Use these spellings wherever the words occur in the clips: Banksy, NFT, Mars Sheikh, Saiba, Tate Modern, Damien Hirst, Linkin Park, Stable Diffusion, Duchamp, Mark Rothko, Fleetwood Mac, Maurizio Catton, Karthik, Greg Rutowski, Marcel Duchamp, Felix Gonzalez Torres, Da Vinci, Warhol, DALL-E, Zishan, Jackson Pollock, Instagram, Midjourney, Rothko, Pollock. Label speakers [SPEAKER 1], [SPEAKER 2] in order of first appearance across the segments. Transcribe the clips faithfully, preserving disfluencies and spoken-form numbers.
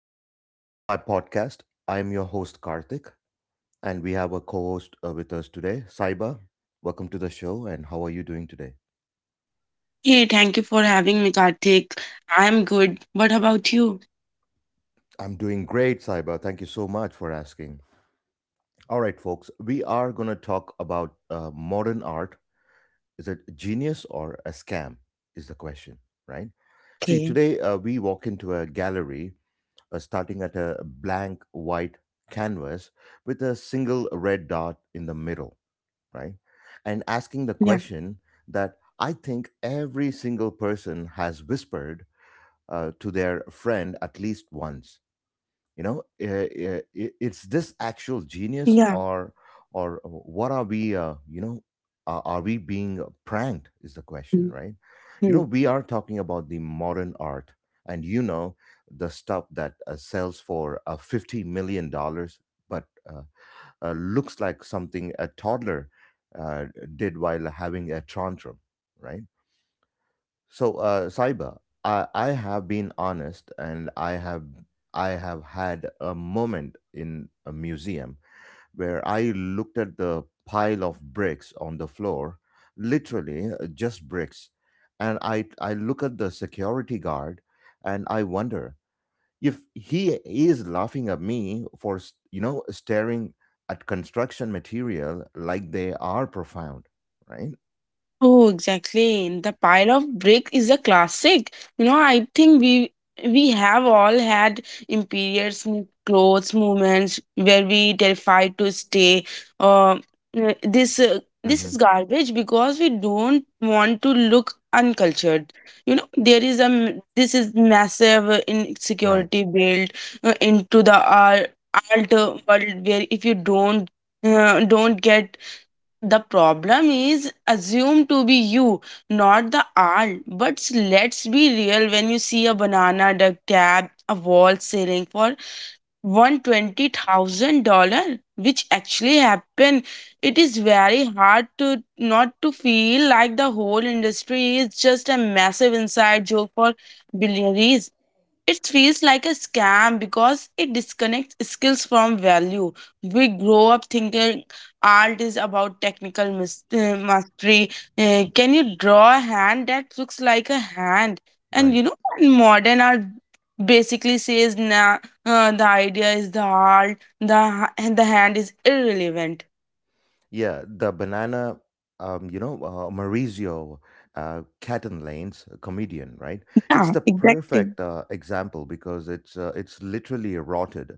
[SPEAKER 1] to my podcast. I'm your host, Karthik, and we have a co host with us today, Saiba. Welcome to the show, and how are you doing today?
[SPEAKER 2] Hey, thank you for having me, Karthik. I'm good. What about you?
[SPEAKER 1] I'm doing great, Saiba. Thank you so much for asking. All right, folks, we are going to talk about uh, modern art. Is it genius or a scam? Is the question, right? See,
[SPEAKER 2] Okay.
[SPEAKER 1] today uh, we walk into a gallery uh, starting at a blank white canvas with a single red dot in the middle. Right? And asking the
[SPEAKER 2] Yeah.
[SPEAKER 1] question that I think every single person has whispered uh, to their friend at least once. You know, eh, eh, i- it's this actual genius,
[SPEAKER 2] Yeah.
[SPEAKER 1] or or what are we? Uh, you know, uh, are we being pranked? Is the question,
[SPEAKER 2] Hmm.
[SPEAKER 1] right? You know, we are talking about the modern art, and you know the stuff that uh, sells for uh, fifty million dollars, but uh, uh, looks like something a toddler uh, did while having a tantrum, right? So, uh, Saiba, I, I have been honest, and I have I have had a moment in a museum where I looked at the pile of bricks on the floor, literally uh, just bricks, and I I look at the security guard, and I wonder if he is laughing at me for you know staring at construction material like they are profound. Right.
[SPEAKER 2] Oh, exactly. The pile of brick is a classic. You know, I think we we have all had imperials m- clothes moments where we terrified to stay. Uh, uh, this uh, this
[SPEAKER 1] hmm
[SPEAKER 2] is garbage because we don't want to look uncultured. You know, there is a m- this is massive uh,
[SPEAKER 1] right.
[SPEAKER 2] insecurity built uh, into the uh, art world where if you don't uh, don't get the problem is assumed to be you, not the art. But let's be real, when you see a banana duck cab, a wall selling for one hundred twenty thousand dollars which actually happened, it is very hard to not to feel like the whole industry is just a massive inside joke for billionaires. It feels like a scam because it disconnects skills from value. We grow up thinking art is about technical mis- uh, mastery. Uh, can you draw a hand that looks like a hand? And
[SPEAKER 1] Right.
[SPEAKER 2] you know, in modern art basically says nah, uh, the idea is the art, the, ha- and the hand is irrelevant.
[SPEAKER 1] Yeah, the banana. um, you know uh, Maurizio uh, Catton, comedian, right? It's
[SPEAKER 2] Yeah,
[SPEAKER 1] the
[SPEAKER 2] exactly.
[SPEAKER 1] perfect uh, example because it's uh, it's literally rotted.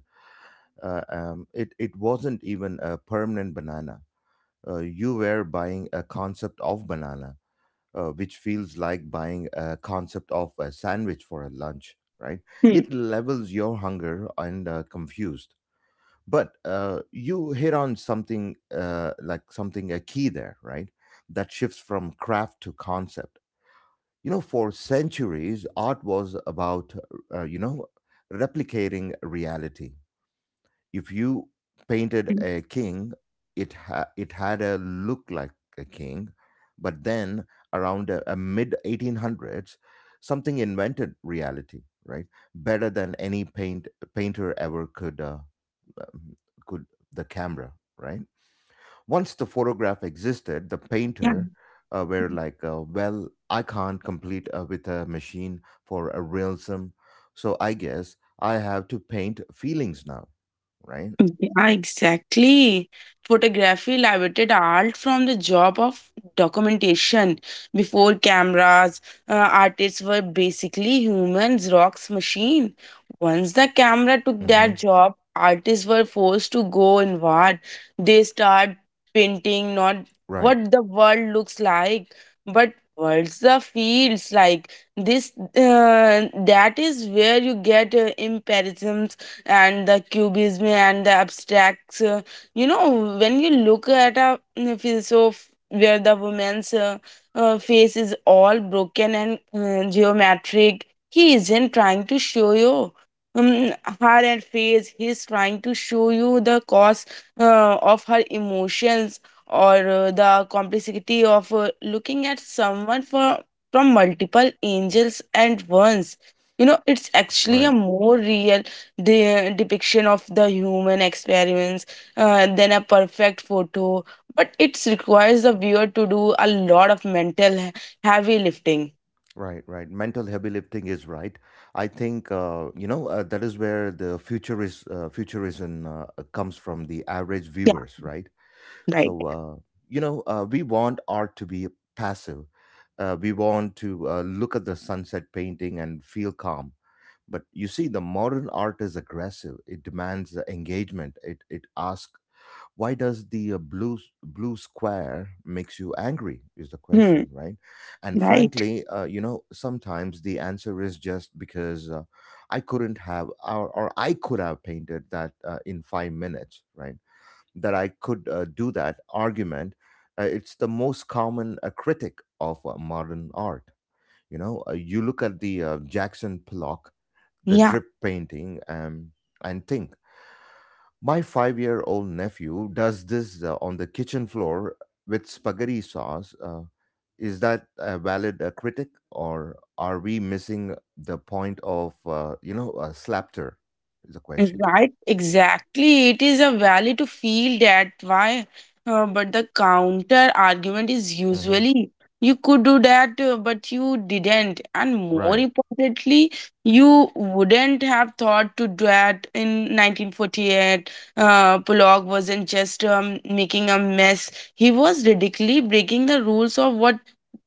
[SPEAKER 1] uh, um, it it wasn't even a permanent banana. Uh, you were buying a concept of banana, uh, which feels like buying a concept of a sandwich for a lunch, right?
[SPEAKER 2] Hmm.
[SPEAKER 1] It levels your hunger and uh, confused. But uh, you hit on something uh, like something a key there, right? That shifts from craft to concept. You know, for centuries, art was about uh, you know replicating reality. If you painted
[SPEAKER 2] Hmm.
[SPEAKER 1] a king, it ha- it had a look like a king. But then around a, a mid eighteen hundreds something invented reality, right, better than any paint painter ever could uh, um, could. The camera, right? Once the photograph existed, the painter uh, were like, uh, well, I can't complete uh, with a machine for a realism, so I guess I have to paint feelings now, right?
[SPEAKER 2] Yeah, exactly. Photography liberated art from the job of documentation. Before cameras, uh, artists were basically humans, rocks, machine. Once the camera took
[SPEAKER 1] Mm-hmm.
[SPEAKER 2] that job, artists were forced to go inward. They start painting not
[SPEAKER 1] Right,
[SPEAKER 2] what the world looks like, but what's the feels like. This uh, That is where you get uh, impressions and the cubism and the abstracts. Uh, you know, when you look at a mm, philosoph where the woman's uh, uh, face is all broken and uh, geometric, he isn't trying to show you um, her and face. He's trying to show you the cause uh, of her emotions or uh, the complexity of uh, looking at someone for from multiple angles at once. You know, it's actually a
[SPEAKER 1] right,
[SPEAKER 2] more real the uh, depiction of the human experiments, uh, then a perfect photo. But it requires the viewer to do a lot of mental he- heavy lifting.
[SPEAKER 1] right, right. Mental heavy lifting is right. I think uh, you know uh, that is where the future is, uh, futurism uh, comes from the average viewers, right? So, uh, you know uh, we want art to be passive. Uh, we want to uh, look at the sunset painting and feel calm. But you see, the modern art is aggressive. It demands uh, engagement. It it asks, why does the uh, blue blue square makes you angry is the question, right? And frankly, uh, you know, sometimes the answer is just because uh, I couldn't have, or, or I could have painted that uh, in five minutes, right? That I could uh, do that argument, uh, it's the most common uh, critic of uh, modern art. You know, uh, you look at the uh, Jackson Pollock, the
[SPEAKER 2] Yeah.
[SPEAKER 1] drip painting, um, and think, my five year old nephew does this uh, on the kitchen floor with spaghetti sauce. Uh, is that a valid uh, critic, or are we missing the point of, uh, you know, uh, slapter? Is the question.
[SPEAKER 2] Right, exactly. It is a valid to feel that why, uh, but the counter argument is
[SPEAKER 1] Hmm.
[SPEAKER 2] usually you could do that, uh, but you didn't, and more
[SPEAKER 1] Right.
[SPEAKER 2] importantly, you wouldn't have thought to do that in nineteen forty-eight. Uh, Pollock wasn't just um, making a mess; he was radically breaking the rules of what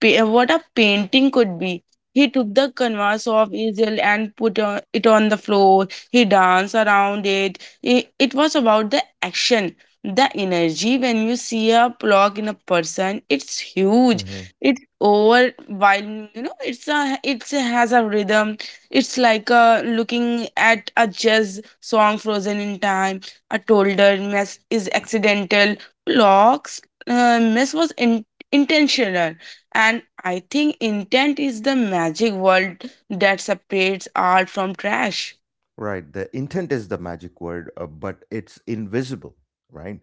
[SPEAKER 2] pa- what a painting could be. He took the canvas of Israel and put uh, it on the floor, he danced around it. I- It was about the action, the energy. When you see a block in a person, it's huge.
[SPEAKER 1] Hmm.
[SPEAKER 2] It's over while you know, it's a it has a rhythm. It's like a looking at a jazz song frozen in time. A toddler mess is accidental. Block's uh, mess was in, intentional, and I think intent is the magic word that separates art from trash.
[SPEAKER 1] Right. The intent is the magic word, uh, but it's invisible, right?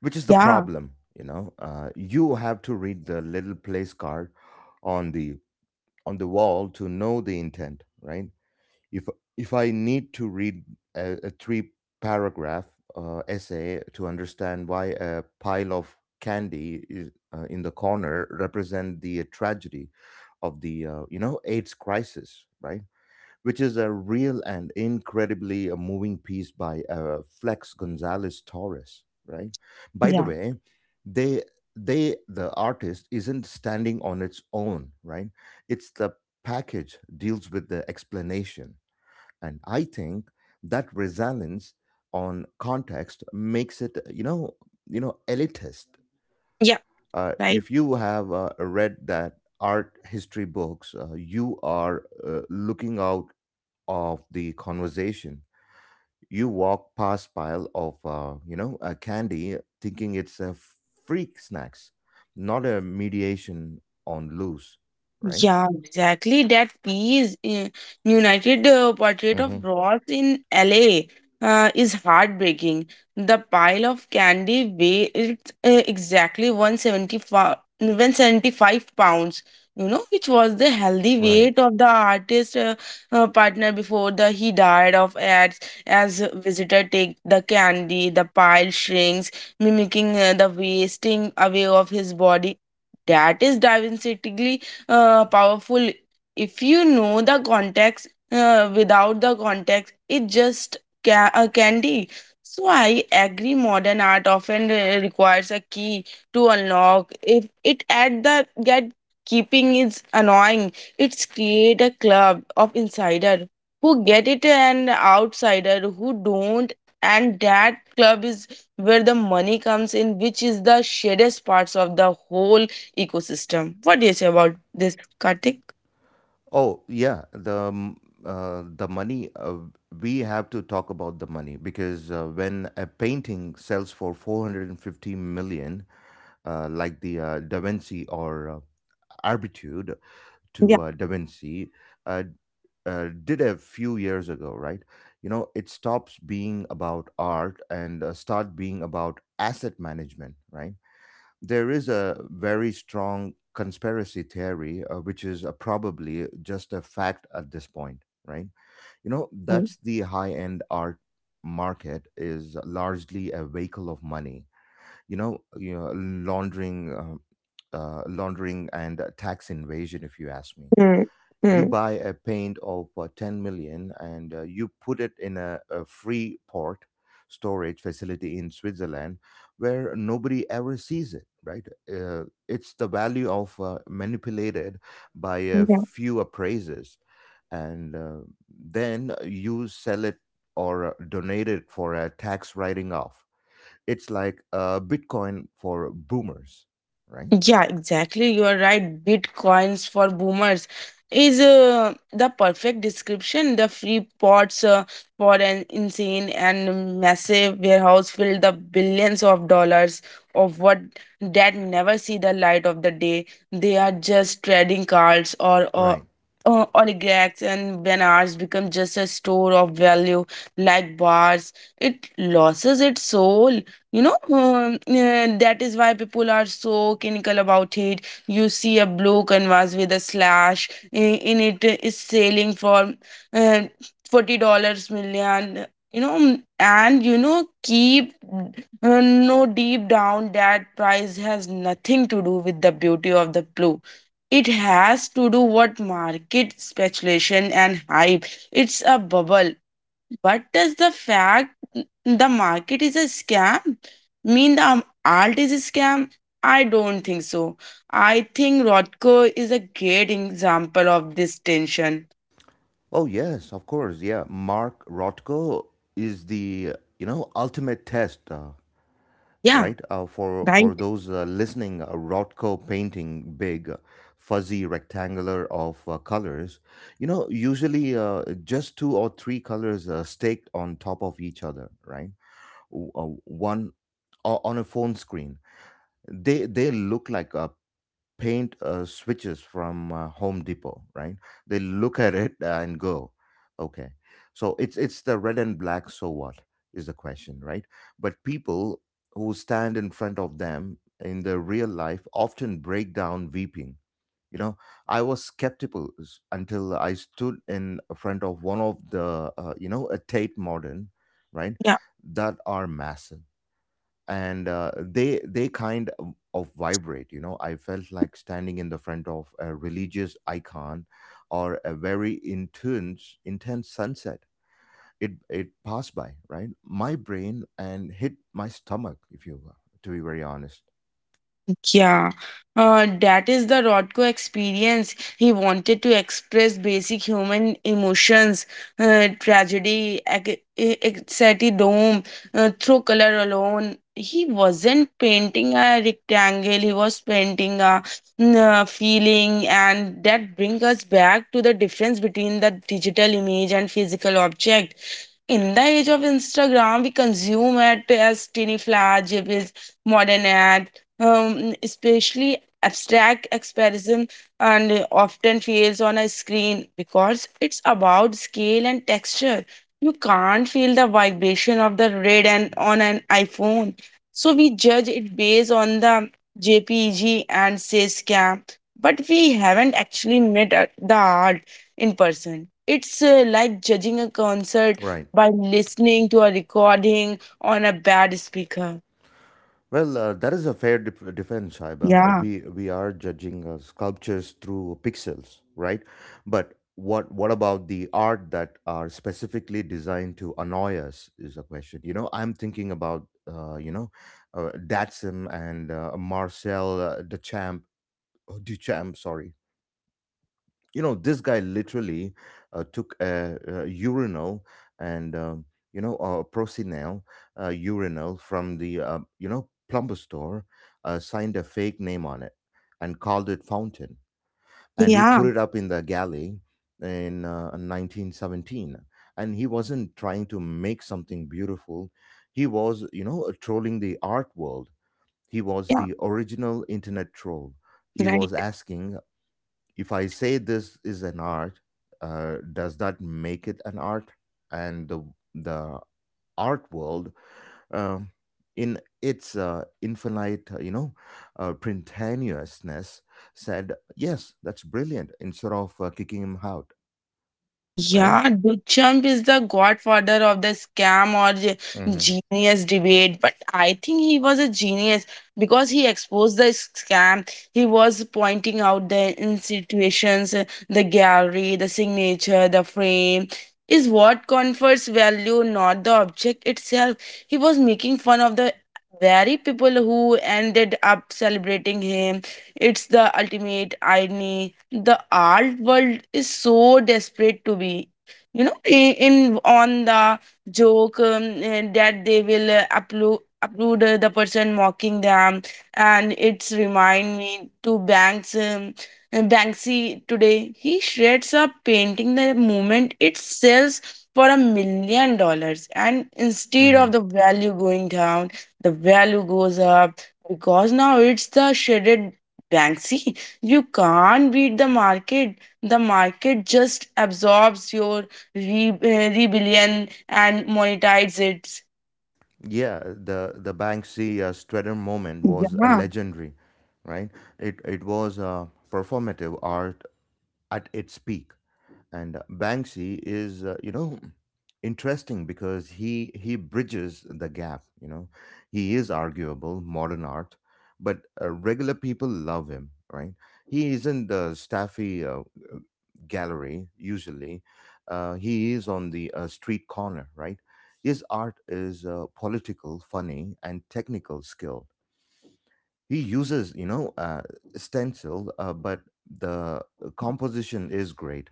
[SPEAKER 1] Which is the
[SPEAKER 2] Yeah.
[SPEAKER 1] problem, you know. Uh, you have to read the little place card on the on the wall to know the intent, right? if
[SPEAKER 2] Yeah.
[SPEAKER 1] if I need to read a, a three paragraph uh, essay to understand why a pile of candy is uh, in the corner represent the uh, tragedy of the uh, you know AIDS crisis right? Which is a real and incredibly uh, moving piece by uh, Flex Gonzalez Torres, right? By the
[SPEAKER 2] Yeah.
[SPEAKER 1] way, they they the artist isn't standing on its own, right? It's the package deals with the explanation, and I think that resilience on context makes it, you know, you know, elitist.
[SPEAKER 2] Yeah.
[SPEAKER 1] Uh,
[SPEAKER 2] Right.
[SPEAKER 1] if you have uh, read that art history books, uh, you are uh, looking out of the conversation. You walk past pile of uh, you know a candy thinking it's a freak snacks, not a mediation on loose, right?
[SPEAKER 2] Yeah, exactly. That piece, uh, United uh, Portrait of
[SPEAKER 1] Hmm.
[SPEAKER 2] Ross in L A, uh, is heartbreaking. The pile of candy weighed uh, exactly one hundred seventy-five one hundred seventy-five pounds, you know, which was the healthy
[SPEAKER 1] Right.
[SPEAKER 2] weight of the artist uh, uh, partner before the he died of AIDS. As visitor take the candy, the pile shrinks, mimicking uh, the wasting away of his body. That is diversity uh, powerful if you know the context, uh, without the context it just ca- a candy. So I agree, modern art often uh, requires a key to unlock. If it at the get, keeping is annoying. It's create a club of insider who get it and outsider who don't, and that club is where the money comes in, which is the shadest parts of the whole ecosystem. What do you say about this, Karthik?
[SPEAKER 1] Oh, yeah. The um, uh, the money, uh, we have to talk about the money because uh, when a painting sells for four hundred fifty million, uh, like the uh, Da Vinci, or uh, Arbitude to uh, Da Vinci uh, uh, did a few years ago, right? You know, it stops being about art and uh, start being about asset management, right? There is a very strong conspiracy theory, uh, which is uh, probably just a fact at this point, right? You know,
[SPEAKER 2] Hmm,
[SPEAKER 1] that's the high end art market is largely a vehicle of money. You know, you know, laundering, uh, uh, laundering and tax invasion, if you ask me.
[SPEAKER 2] hmm,
[SPEAKER 1] You
[SPEAKER 2] hmm.
[SPEAKER 1] buy a paint of uh, ten million, and uh, you put it in a, a free port storage facility in Switzerland where nobody ever sees it, right? Uh, it's the value of uh, manipulated by a few appraisers, and uh, then you sell it or uh, donate it for a tax writing off. It's like uh, Bitcoin for boomers, right?
[SPEAKER 2] Yeah, exactly. You are right. Bitcoins for boomers is uh, the perfect description. The free pots uh, for an insane and massive warehouse filled the billions of dollars of what that never see the light of the day. They are just trading cards or or.
[SPEAKER 1] Right.
[SPEAKER 2] Uh, oligarchs and bananas become just a store of value like bars, it loses its soul, you know. Um, uh, that is why people are so cynical about it. You see a blue canvas with a slash in, in it is selling for uh, forty dollars million, you know, and you know keep uh, no, deep down that price has nothing to do with the beauty of the blue. It has to do what market speculation and hype. It's a bubble, but does the fact the market is a scam mean the um, art is a scam? I don't think so. I think Rothko is a great example of this tension.
[SPEAKER 1] Oh yes, of course. Yeah, Mark Rothko is the you know ultimate test, uh,
[SPEAKER 2] Yeah,
[SPEAKER 1] right? Uh, for
[SPEAKER 2] right.
[SPEAKER 1] for those uh, listening, uh, Rothko painting big, uh, fuzzy rectangular of uh, colors. You know, usually uh, just two or three colors uh, staked on top of each other, right? W- Uh, one o- on a phone screen. They they look like uh, paint uh, switches from uh, Home Depot, right? They look at it and go, okay. So it's it's the red and black. So what is the question, right? But people who stand in front of them in the real life often break down weeping. You know, I was skeptical s- until I stood in front of one of the, uh, you know, a Tate Modern, right, that are massive, and uh, they they kind of, of vibrate. You know, I felt like standing in the front of a religious icon or a very intense intense sunset. it it passed by right my brain and hit my stomach, if you will, to be very honest.
[SPEAKER 2] Yeah, uh, that is the Rodko experience. He wanted to express basic human emotions, uh, tragedy, ec- e- exatidome, uh, through color alone. He wasn't painting a rectangle, he was painting a mm, uh, feeling, and that brings us back to the difference between the digital image and physical object. In the age of Instagram, we consume it as tiny flash, it is modern ad, um, especially abstract expression, and often fails on a screen because it's about scale and texture. You can't feel the vibration of the red and on an iPhone, so we judge it based on the jpeg and say scam, but we haven't actually met at the art in person. It's uh, like judging a concert
[SPEAKER 1] Right.
[SPEAKER 2] by listening to a recording on a bad speaker.
[SPEAKER 1] Well, uh, that is a fair def- defense, Shaiba. Uh,
[SPEAKER 2] Yeah,
[SPEAKER 1] we we are judging uh, sculptures through pixels, right? But what what about the art that are specifically designed to annoy us is a question. You know, I'm thinking about uh, you know uh, Datsun and uh, Marcel uh, Duchamp, oh, Duchamp, sorry, you know this guy literally uh, took a, a urinal and um, you know a procinel uh, urinal from the uh, you know plumber store, uh, signed a fake name on it, and called it fountain, and he
[SPEAKER 2] yeah,
[SPEAKER 1] put it up in the galley in uh, nineteen seventeen. And he wasn't trying to make something beautiful, he was you know trolling the art world. He was
[SPEAKER 2] yeah.
[SPEAKER 1] the original internet troll. He was
[SPEAKER 2] Right.
[SPEAKER 1] asking, if I say this is an art, uh, does that make it an art? And the the art world, um, in its uh, infinite, uh, you know, uh, printaniousness, said yes, that's brilliant. Instead of uh, kicking him out, right?
[SPEAKER 2] Yeah, Duchamp is the godfather of the scam or ge-
[SPEAKER 1] Hmm.
[SPEAKER 2] genius debate, but I think he was a genius because he exposed the scam. He was pointing out the institutions, uh, the gallery, the signature, the frame is what confers value, not the object itself. He was making fun of the very people who ended up celebrating him. It's the ultimate irony, the art world is so desperate to be, you know, in, in on the joke, um, eh, that they will uh, upload upload uh, the person mocking them. And it's remind me to banks, um, eh, banksy today he shreds a painting the moment it sells for a million dollars, and instead
[SPEAKER 1] Hmm.
[SPEAKER 2] of the value going down, the value goes up because now it's the shredded banksy. You can't beat the market. The market just absorbs your re- uh, rebellion and monetizes it.
[SPEAKER 1] Yeah, the the Banksy uh, Strutter moment was a
[SPEAKER 2] Yeah.
[SPEAKER 1] legendary, right? It it was uh, performative art at its peak. And uh, Banksy is uh, you know interesting because he he bridges the gap. You know, he is arguable modern art, but uh, regular people love him, right? He is in the staffy uh, gallery usually, uh, he is on the uh, street corner, right? His art is uh, political, funny, and technical skilled. He uses you know uh, stencil, uh, but the composition is great.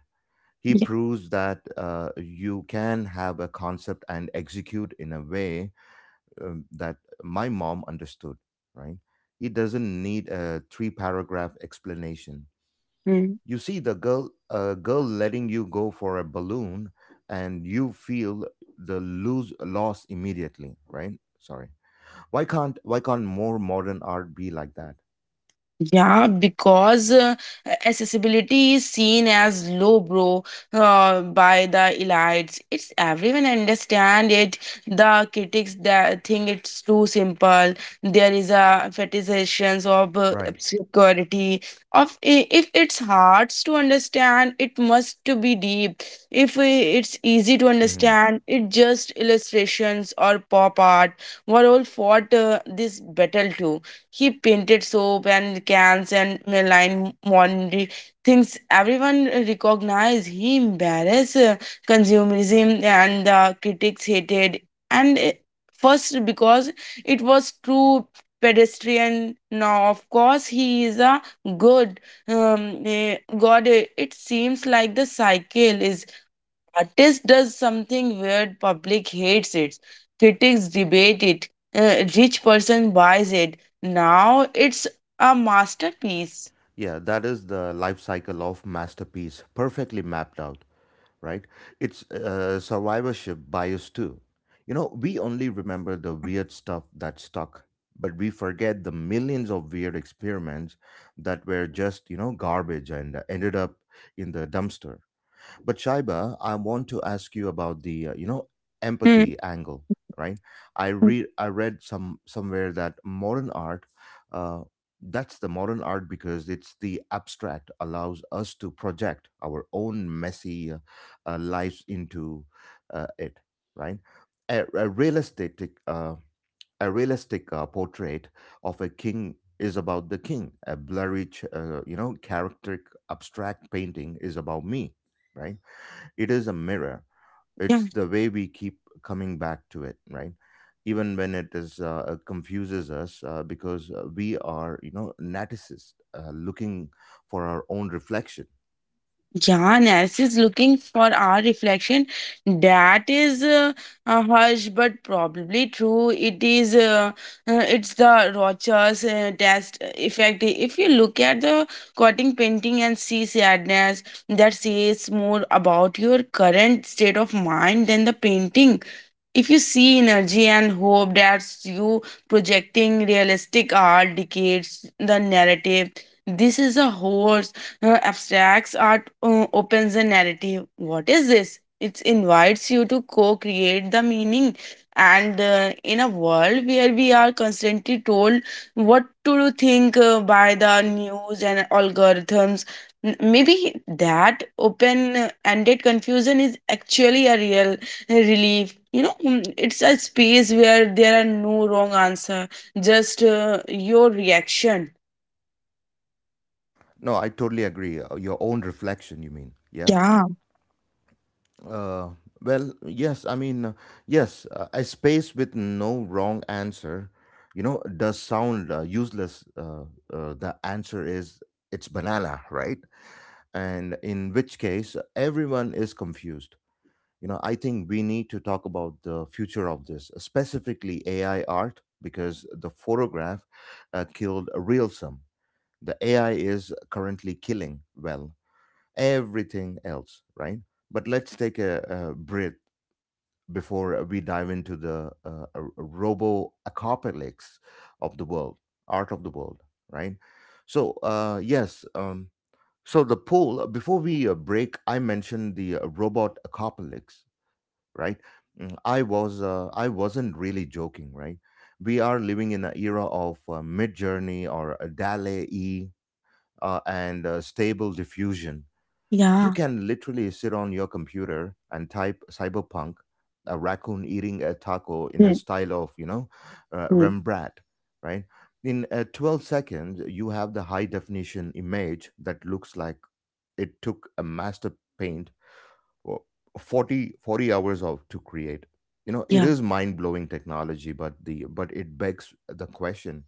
[SPEAKER 1] He proves that uh, you can have a concept and execute in a way um, that my mom understood, right? He doesn't need a three paragraph explanation.
[SPEAKER 2] Yeah.
[SPEAKER 1] You see the girl, a girl letting you go for a balloon, and you feel the lose loss immediately, right? Sorry. Why can't why can't more modern art be like that?
[SPEAKER 2] Yeah, because uh, accessibility is seen as lowbrow uh, by the elites. It's everyone understand it. The critics that think it's too simple. There is a fetishizations of uh,
[SPEAKER 1] Right.
[SPEAKER 2] obscurity. Of i- if it's hard to understand, it must to be deep. If uh, it's easy to
[SPEAKER 1] Hmm.
[SPEAKER 2] understand, it just illustrations or pop art were all fought uh, this battle too. He painted soap and cans and Milan laundry, things everyone recognized. He embarrassed uh, consumerism and the critics hated. And uh, first, because it was true pedestrian. Now, of course, he is a good, um, eh, god. eh, It seems like the cycle is artist does something weird, public hates it, critics debate it, uh, rich person buys it. Now it's a masterpiece.
[SPEAKER 1] Yeah, that is the life cycle of masterpiece, perfectly mapped out. Right? It's uh, survivorship bias too. You know, we only remember the
[SPEAKER 2] Yeah.
[SPEAKER 1] weird stuff that stuck, but we forget the millions of weird experiments that were just, you know, garbage and ended up in the dumpster. But Shaiba, I want to ask you about the uh, you know
[SPEAKER 2] Hmm.
[SPEAKER 1] empathy angle, right? I read I read some somewhere that modern art, uh, that's the modern art because it's the abstract allows us to project our own messy uh, uh, lives into uh, it, right? A, a realistic uh, a realistic uh, portrait of a king is about the king. A blurry, ch- uh, you know, character abstract painting is about me, right? It is a mirror.
[SPEAKER 2] Yeah.
[SPEAKER 1] It's the way we keep coming back to it, right? Even when it is uh, uh, confuses us, uh, because uh, we are, you know, narcissists uh, looking for our own reflection.
[SPEAKER 2] Yeah, Nancy is looking for our reflection. That is uh, a harsh but probably true. It is, uh, uh, it's the Rogers uh, test effect. If you look at the cutting painting and see sadness, that says more about your current state of mind than the painting. If you see energy and hope, that's you projecting. Realistic art dictates the narrative. This is a horse. Uh, abstracts art uh, opens the narrative. What is this? It invites you to co-create the meaning. And uh, in a world where we are constantly told what to think uh, by the news and algorithms, m- maybe that open-ended confusion is actually a real relief, you know. Mm, it's a space where there are no wrong answer, just uh, your reaction.
[SPEAKER 1] No, I totally agree. Uh, Your own reflection, you mean? Yeah.
[SPEAKER 2] Yeah.
[SPEAKER 1] Uh, well, yes, I mean, uh, yes, uh, a space with no wrong answer, you know, does sound uh, useless. Uh, uh, the answer is it's banana, right? And in which case, everyone is confused. You know, I think we need to talk about the future of this, specifically A I art, because the photograph uh, killed realism. The A I is currently killing, well, everything else, right? But let's take a, a breath before we dive into the uh, robo apocalypse of the world, art of the world, right? So, uh, yes, um, so the poll, before we uh, break, I mentioned the uh, robot apocalypse, right? Mm, I was uh, I wasn't really joking, right? We are living in an era of uh, mid journey or a DALE E uh, and uh, stable diffusion. You
[SPEAKER 2] Yeah.
[SPEAKER 1] can literally sit on your computer and type cyberpunk, a raccoon eating a taco in a
[SPEAKER 2] Hmm,
[SPEAKER 1] style of, you know, uh,
[SPEAKER 2] hmm.
[SPEAKER 1] rembrandt, right? In uh, twelve seconds you have the high definition image that looks like it took a master paint for forty forty hours of to create. You know, it
[SPEAKER 2] Yeah.
[SPEAKER 1] is mind blowing technology, but the but it begs the question,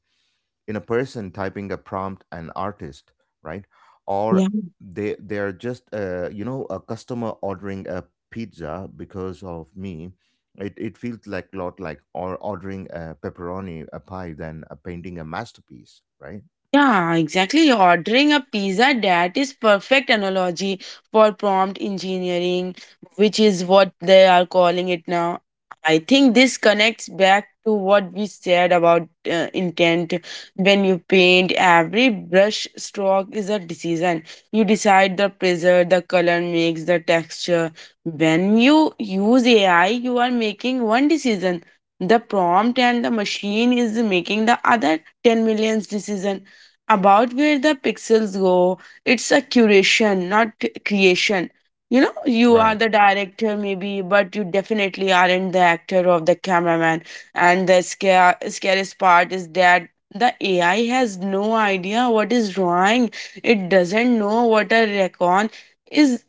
[SPEAKER 1] in a person typing a prompt an artist, right? Or they they're just uh, you know a customer ordering a pizza. Because of me, it, it feels like a lot like or ordering a pepperoni a pie than a painting a masterpiece, right?
[SPEAKER 2] Yeah, exactly. Ordering a pizza, that is perfect analogy for prompt engineering, which is what they are calling it now. I think this connects back to what we said about uh, intent. When you paint, every brush stroke is a decision. You decide the pressure, the color makes the texture. When you use A I, you are making one decision. The prompt and the machine is making the other ten millions decision about where the pixels go. It's a curation, not creation. You know, you are
[SPEAKER 1] Right.
[SPEAKER 2] the director, maybe, but you definitely aren't the actor or the cameraman. And the scare, scariest part is that the A I has no idea what is drawing. It doesn't know what a recon is,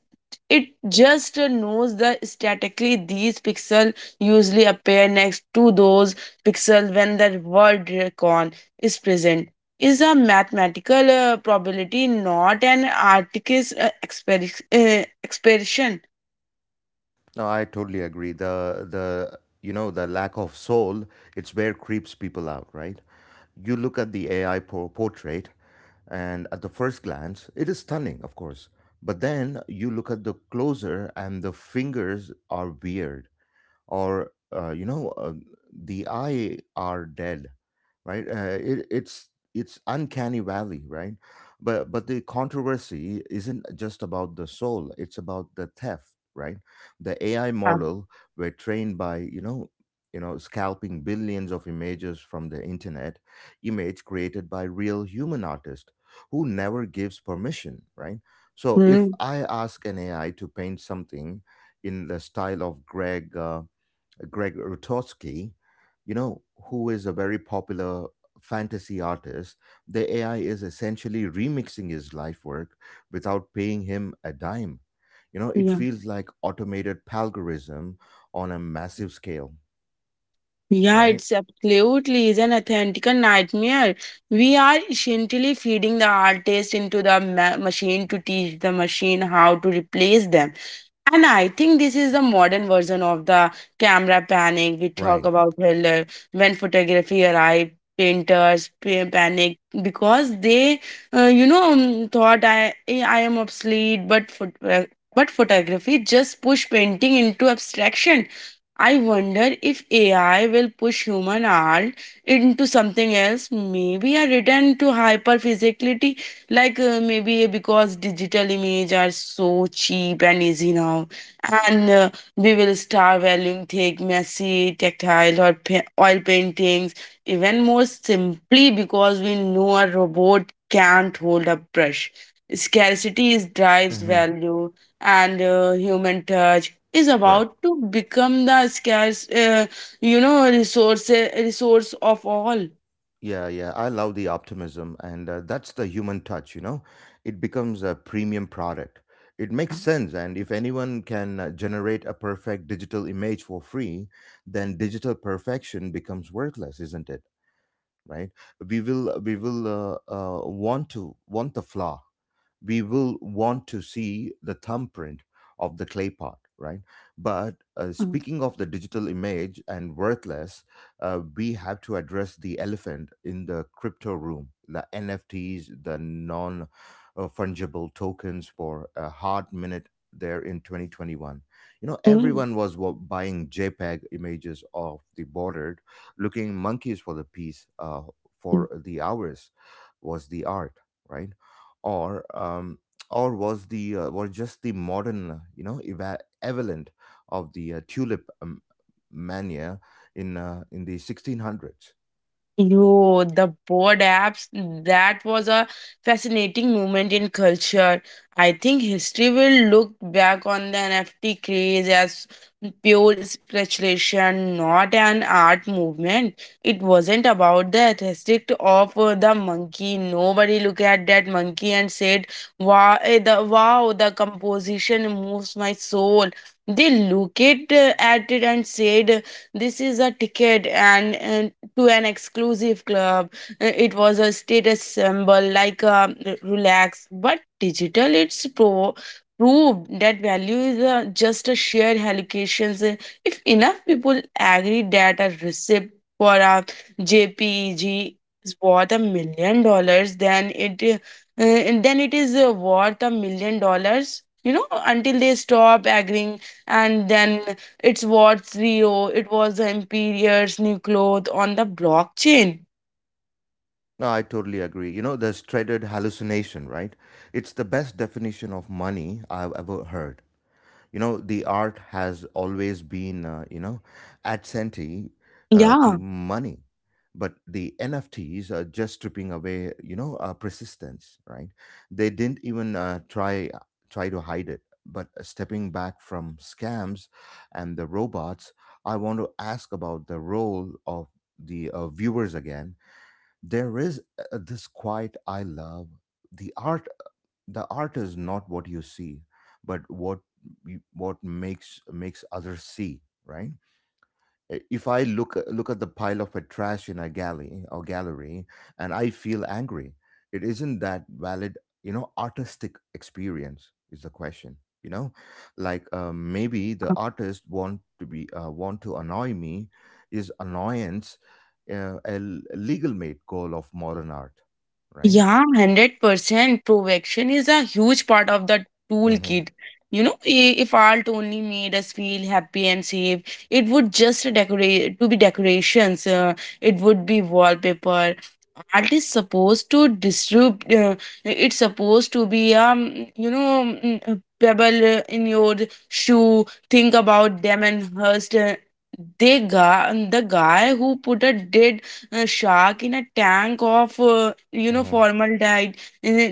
[SPEAKER 2] it just knows that statically these pixels usually appear next to those pixels when the word recon is present. Is a mathematical uh, probability not an artist's uh, exper- uh, expression?
[SPEAKER 1] No, I totally agree. The the you know the lack of soul, it's where creeps people out, right? You look at the A I por- portrait, and at the first glance it is stunning, of course, but then you look at the closer and the fingers are weird, or uh, you know uh, the eye are dead, right? Uh, it, it's it's uncanny valley, right? but but the controversy isn't just about the soul, it's about the theft, right? The ai
[SPEAKER 2] Yeah.
[SPEAKER 1] model were trained by, you know you know scalping billions of images from the internet, image created by real human artist who never gives permission, right? So if
[SPEAKER 2] Hmm.
[SPEAKER 1] I ask an ai to paint something in the style of greg uh, Greg Rutowski, you know, who is a very popular fantasy artist, the A I is essentially remixing his life work without paying him a dime. You know, it
[SPEAKER 2] Yeah.
[SPEAKER 1] feels like automated palgorism on a massive scale,
[SPEAKER 2] Yeah,
[SPEAKER 1] right?
[SPEAKER 2] it's absolutely is an authentic nightmare. We are essentially feeding the artist into the ma- machine to teach the machine how to replace them. And I think this is the modern version of the camera panic we talk
[SPEAKER 1] Right.
[SPEAKER 2] about earlier. When photography arrived, painters pa- panic because they, uh, you know, um, thought I eh, I am obsolete. But phot- uh, but photography just pushed painting into abstraction. I wonder if A I will push human art into something else, maybe a return to hyperphysicality, like uh, maybe because digital images are so cheap and easy now, and uh, we will start valuing thick, messy, tactile, or pa- oil paintings even more simply because we know a robot can't hold a brush. Scarcity is drives
[SPEAKER 1] Hmm.
[SPEAKER 2] value and uh, human touch is
[SPEAKER 1] Right.
[SPEAKER 2] about to become the scarce, uh, you know, resource resource of all.
[SPEAKER 1] Yeah, yeah, I love the optimism, and uh, that's the human touch, you know. It becomes a premium product. It
[SPEAKER 2] Yeah.
[SPEAKER 1] makes sense, and if anyone can uh, generate a perfect digital image for free, then digital perfection becomes worthless, isn't it? Right? We will, we will uh, uh, want to want the flaw, we will want to see the thumbprint of the clay pot, right? But uh,
[SPEAKER 2] Yeah.
[SPEAKER 1] speaking of the digital image and worthless, uh, we have to address the elephant in the crypto room, the nfts, the non uh, fungible tokens. For a hard minute there in twenty twenty-one, you know,
[SPEAKER 2] Hmm.
[SPEAKER 1] everyone was wa- buying jpeg images of the bordered looking monkeys for the piece uh, for the hours. Was the art, right? Or um, or was the uh, were just the modern, uh, you know eva- equivalent of the uh, tulip um, mania in uh, in the sixteen hundreds?
[SPEAKER 2] Yo, the board apps, that was a fascinating moment in culture. I think history will look back on the N F T craze as pure speculation, not an art movement. It wasn't about the aesthetic of uh, the monkey. Nobody looked at that monkey and said, wow, eh, the, wow, the composition moves my soul. They looked at, at it and said, this is a ticket and, and to an exclusive club. Uh, It was a status symbol, like a relax. But digital, it's pro- proved that value is uh, just a shared allocations. Uh, If enough people agree that a receipt for a JPEG is worth a million dollars, then it uh, uh, then it is uh, worth a million dollars. You know, until they stop agreeing, and then it's what Zero, it was the Empire's new cloth on the blockchain.
[SPEAKER 1] No, I totally agree. You know, this dreaded hallucination, right? It's the best definition of money I've ever heard. You know, the art has always been uh, you know adjacent uh, to
[SPEAKER 2] Yeah.
[SPEAKER 1] money, but the nfts are just stripping away, you know, uh, persistence, right? They didn't even uh, try try to hide it. But stepping back from scams and the robots, I want to ask about the role of the uh, viewers again. There is uh, this quiet I love. The art, the art is not what you see but what you, what makes makes others see, right? I- if i look look at the pile of a trash in a galley or gallery and I feel angry, it isn't that valid, you know, artistic experience is the question, you know, like uh, maybe the artist want to be uh, want to annoy me. Is annoyance uh, a l- legal made goal of modern art, right?
[SPEAKER 2] Yeah, one hundred percent protection is a huge part of the
[SPEAKER 1] mm-hmm,
[SPEAKER 2] toolkit. You know, i- if art only made us feel happy and safe, it would just decorate to be decorations. Uh, it would be wallpaper. Art is supposed to disrupt. Uh, it's supposed to be um, you know, mm, a pebble uh, in your shoe. Think about them and Hurst. Uh, they guy, the guy who put a dead uh, shark in a tank of, uh, you know,
[SPEAKER 1] mm-hmm.
[SPEAKER 2] formaldehyde. Uh,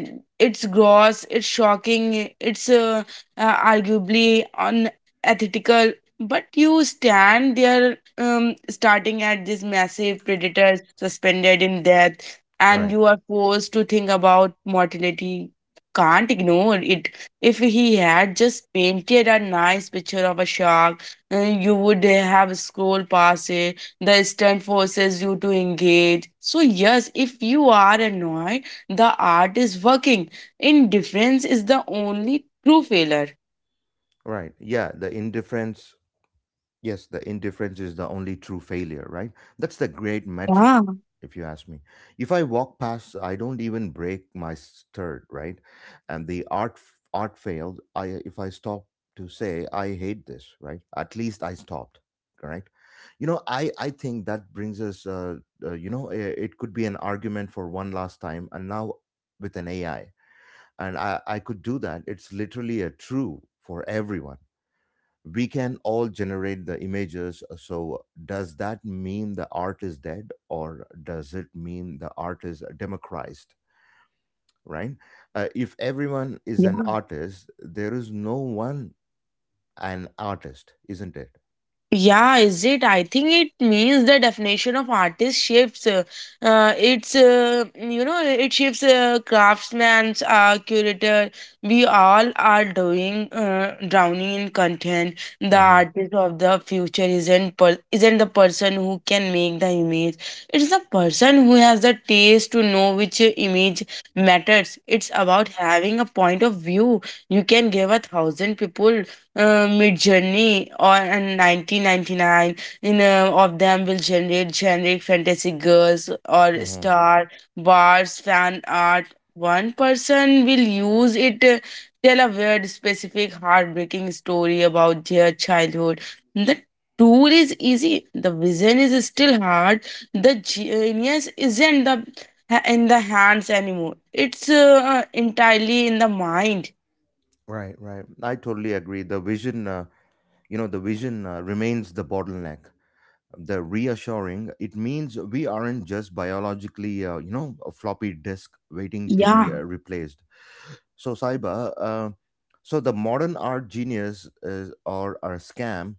[SPEAKER 2] It's gross, it's shocking, it's uh, uh, arguably unethical. But you stand there, um, starting at this massive predator suspended in death, and
[SPEAKER 1] Right.
[SPEAKER 2] you are forced to think about mortality. Can't ignore it. If he had just painted a nice picture of a shark, uh, you would have scrolled past it the stunt forces you to engage. So, yes, if you are annoyed, the art is working. Indifference is the only true failure.
[SPEAKER 1] Right. Yeah. The indifference. Yes, the indifference is the only true failure, right? That's the great metric,
[SPEAKER 2] Yeah.
[SPEAKER 1] if you ask me. If I walk past, I don't even break my stirred, right? And the art f- art failed. I if I stop to say I hate this, right? At least I stopped, right? You know, I I think that brings us. Uh, uh, you know, eh, it could be an argument for one last time, and now with an A I, and I I could do that. It's literally a true for everyone. We can all generate the images, uh, so does that mean the art is dead, or does it mean the art is democratized, right? Uh, if everyone is an artist, there is no one an artist, isn't it?
[SPEAKER 2] Yeah, is it? I think it means the definition of artist shifts. Uh, uh, it's uh, you know it shifts uh, craftsman's uh, curator. We all are doing uh, drowning in content. The
[SPEAKER 1] Hmm.
[SPEAKER 2] artist of the future isn't per- isn't the person who can make the image. It's the person who has the taste to know which uh, image matters. It's about having a point of view. You can give a thousand people uh, mid journey or and nineteen ninety-nine in uh, of them will generate generic fantasy girls or
[SPEAKER 1] Hmm.
[SPEAKER 2] star bars fan art. One person will use it to tell a weird specific heartbreaking story about their childhood. The tool is easy, the vision is still hard. The genius isn't the in the hands anymore, it's uh, entirely in the mind.
[SPEAKER 1] Right. Right, I totally agree, the vision uh, you know the vision uh, remains the bottleneck. The reassuring, it means we aren't just biologically, uh, you know a floppy disk waiting to
[SPEAKER 2] Yeah.
[SPEAKER 1] be uh, replaced. So, Saiba, uh, so the modern art genius is or are a scam.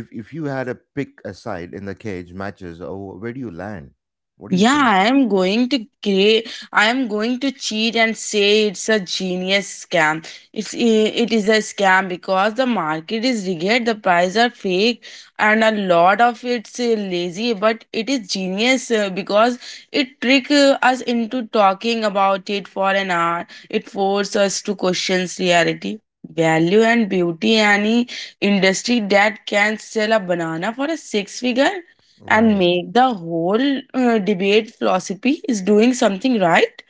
[SPEAKER 1] If if you had to pick a side in the cage matches, oh, where do you land? What do you
[SPEAKER 2] Yeah,
[SPEAKER 1] think?
[SPEAKER 2] I am going to create. I am going to cheat and say it's a genius scam. It's i- it is a scam because the market is rigged, the prices are fake, and a lot of it's uh, lazy. But it is genius uh, because it trick uh, us into talking about it for an hour. It force us to question reality, value, and beauty. Any industry that can sell a banana for a six figure and
[SPEAKER 1] Right.
[SPEAKER 2] make the whole uh, debate philosophy is doing something right.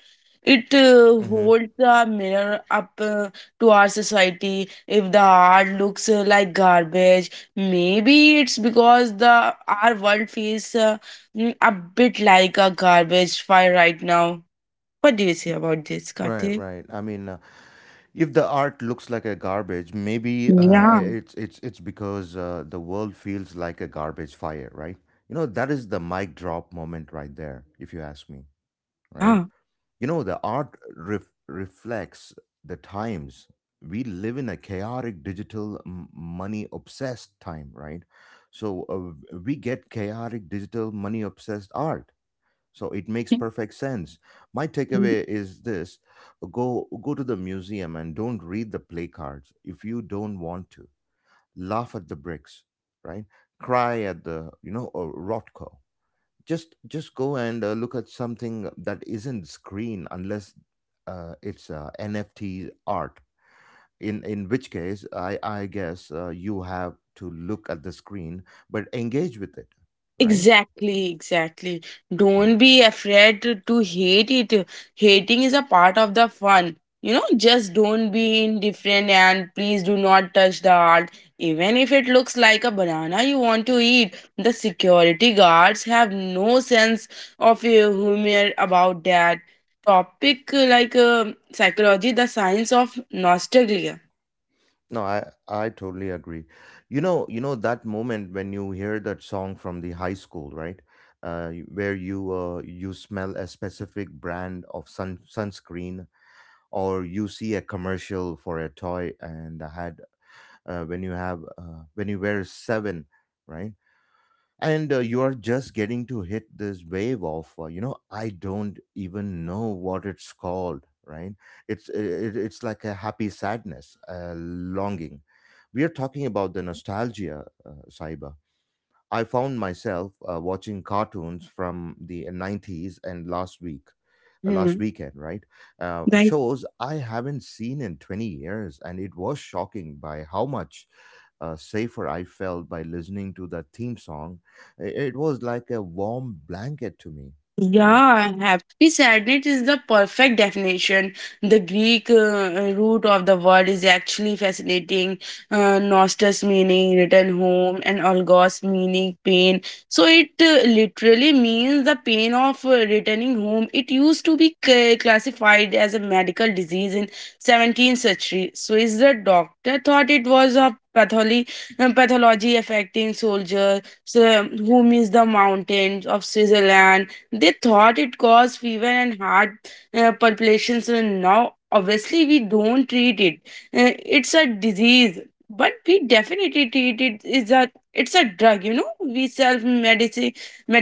[SPEAKER 2] It uh,
[SPEAKER 1] Mm-hmm.
[SPEAKER 2] holds the mirror up uh, to our society. If the art looks uh, like garbage, maybe it's because the our world feels uh, mm, a bit like a garbage fire right now. What do you say about this,
[SPEAKER 1] Right,
[SPEAKER 2] Kartik?
[SPEAKER 1] right. I mean, uh, if the art looks like a garbage, maybe uh,
[SPEAKER 2] Yeah.
[SPEAKER 1] I- it's it's it's because uh, the world feels like a garbage fire, right? You know, that is the mic drop moment right there, if you ask me, right?
[SPEAKER 2] Yeah.
[SPEAKER 1] You know, the art ref- reflects the times. We live in a chaotic, digital, money obsessed time, right? So uh, we get chaotic, digital, money obsessed art. So it makes perfect sense. My takeaway is this: go go to the museum and don't read the play cards if you don't want to. Laugh at the bricks, right? Cry at the, you know, uh, Rothko. just just go and uh, look at something that isn't screen, unless uh, it's uh, nft art, in in which case I I guess uh, you have to look at the screen, but engage with it, right?
[SPEAKER 2] Exactly, exactly.
[SPEAKER 1] Mhm.
[SPEAKER 2] Don't be afraid to, to hate it. Hating is a part of the fun. You know, just don't be indifferent and please do not touch the heart. Even if it looks like a banana you want to eat, the security guards have no sense of uh, humor about that. Topic uh, like uh, psychology, the science of nostalgia.
[SPEAKER 1] No I I totally agree. You know you know that moment when you hear that song from the high school, right? uh, you- where you uh, you smell a specific brand of sun sunscreen, or you see a commercial for a toy and had, uh, when you have uh, when you wear seven, right? And uh, you are just getting to hit this wave of, uh, you know, I don't even know what it's called, right? It's it, it's like a happy sadness, a longing. We are talking about the nostalgia, uh, Saiba. I found myself uh, watching cartoons from the nineties and last week, uh, last
[SPEAKER 2] Hmm.
[SPEAKER 1] weekend, right? Uh, shows I haven't seen in twenty years, and it was shocking by how much uh, safer I felt by listening to the theme song. I- It was like a warm blanket to me, right?
[SPEAKER 2] Yeah, happy sadness is the perfect definition. The Greek uh, uh, root of the word is actually fascinating. Uh, nostos meaning return home and algos meaning pain. So it uh, literally means the pain of uh, returning home. It used to be c- classified as a medical disease in seventeenth century. So is the doctor thought it was a pathology, pathology affecting soldiers so, who miss the mountains of Switzerland. They thought it caused fever and heart uh, palpitations, and now obviously we don't treat it. Uh, it's a disease, but we definitely treat it. It's a it's a drug, you know. We self medicine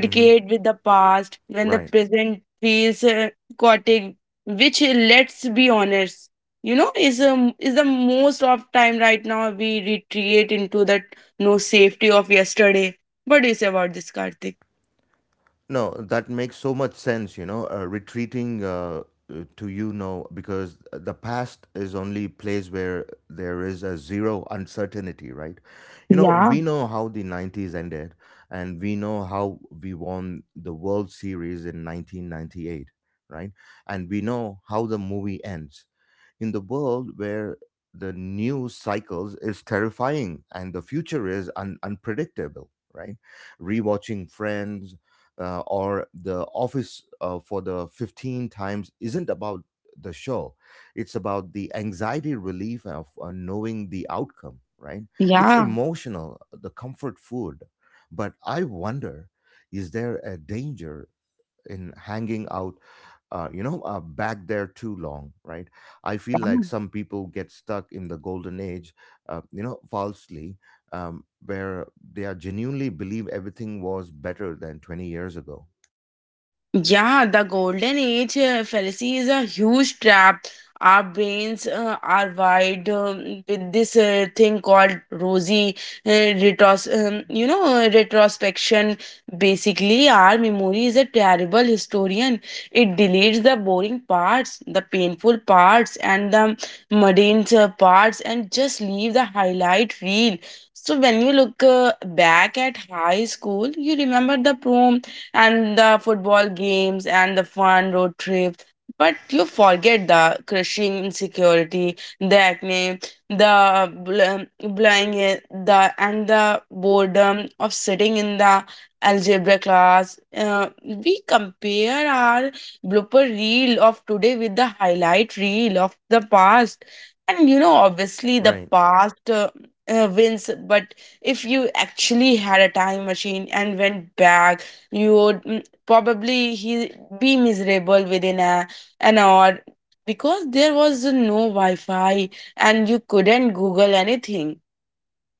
[SPEAKER 1] Hmm.
[SPEAKER 2] with the past when the
[SPEAKER 1] Right.
[SPEAKER 2] present feels uh, chaotic, which uh, let's be honest, you know, is um, is the most of time right now. We retreat into that no safety of yesterday. What do you say about this, Karthik?
[SPEAKER 1] No, that makes so much sense, you know, uh, retreating uh, uh, to, you know, because the past is only place where there is a zero uncertainty, right? You know,
[SPEAKER 2] Yeah,
[SPEAKER 1] we know how the nineties ended, and we know how we won the World Series in nineteen ninety-eight, right? And we know how the movie ends. In the world where the news cycles is terrifying and the future is un- unpredictable, right? Rewatching friends uh, or the office uh, for the fifteenth times isn't about the show, it's about the anxiety relief of uh, knowing the outcome, right? It's
[SPEAKER 2] yeah.
[SPEAKER 1] emotional, the comfort food. But I wonder, is there a danger in hanging out, uh, you know uh, back there too long, right? I feel like
[SPEAKER 2] Oh.
[SPEAKER 1] some people get stuck in the golden age, uh, you know falsely, um, where they are genuinely believe everything was better than twenty years ago,
[SPEAKER 2] Yeah, the golden age uh, fallacy is a huge trap. Our brains uh, are wired um, with this uh, thing called rosy uh, retros, um, you know, uh, retrospection. Basically, our memory is a terrible historian. It deletes the boring parts, the painful parts, and the mundane uh, parts, and just leave the highlight reel. So when you look uh, back at high school, you remember the prom and the football games and the fun road trips. But you forget the crushing insecurity, the acne, the bl- blowing it, the and the boredom of sitting in the algebra class. Uh, we compare our blooper reel of today with the highlight reel of the past, and you know obviously the
[SPEAKER 1] right?
[SPEAKER 2] past Uh, uh, wins. But if you actually had a time machine and went back, you would mm, probably he be miserable within a, an hour, because there was no wi-fi and you couldn't google anything.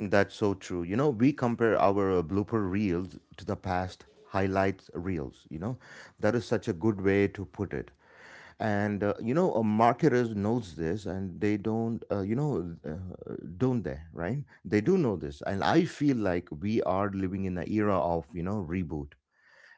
[SPEAKER 1] That's so true. You know, we compare our uh, blooper reels to the past highlights reels. You know, that is such a good way to put it. And, uh, you know, uh, marketers knows this, and they don't. Uh, you know, uh, don't they? Right? They do know this, and I feel like we are living in the era of, you know, reboot.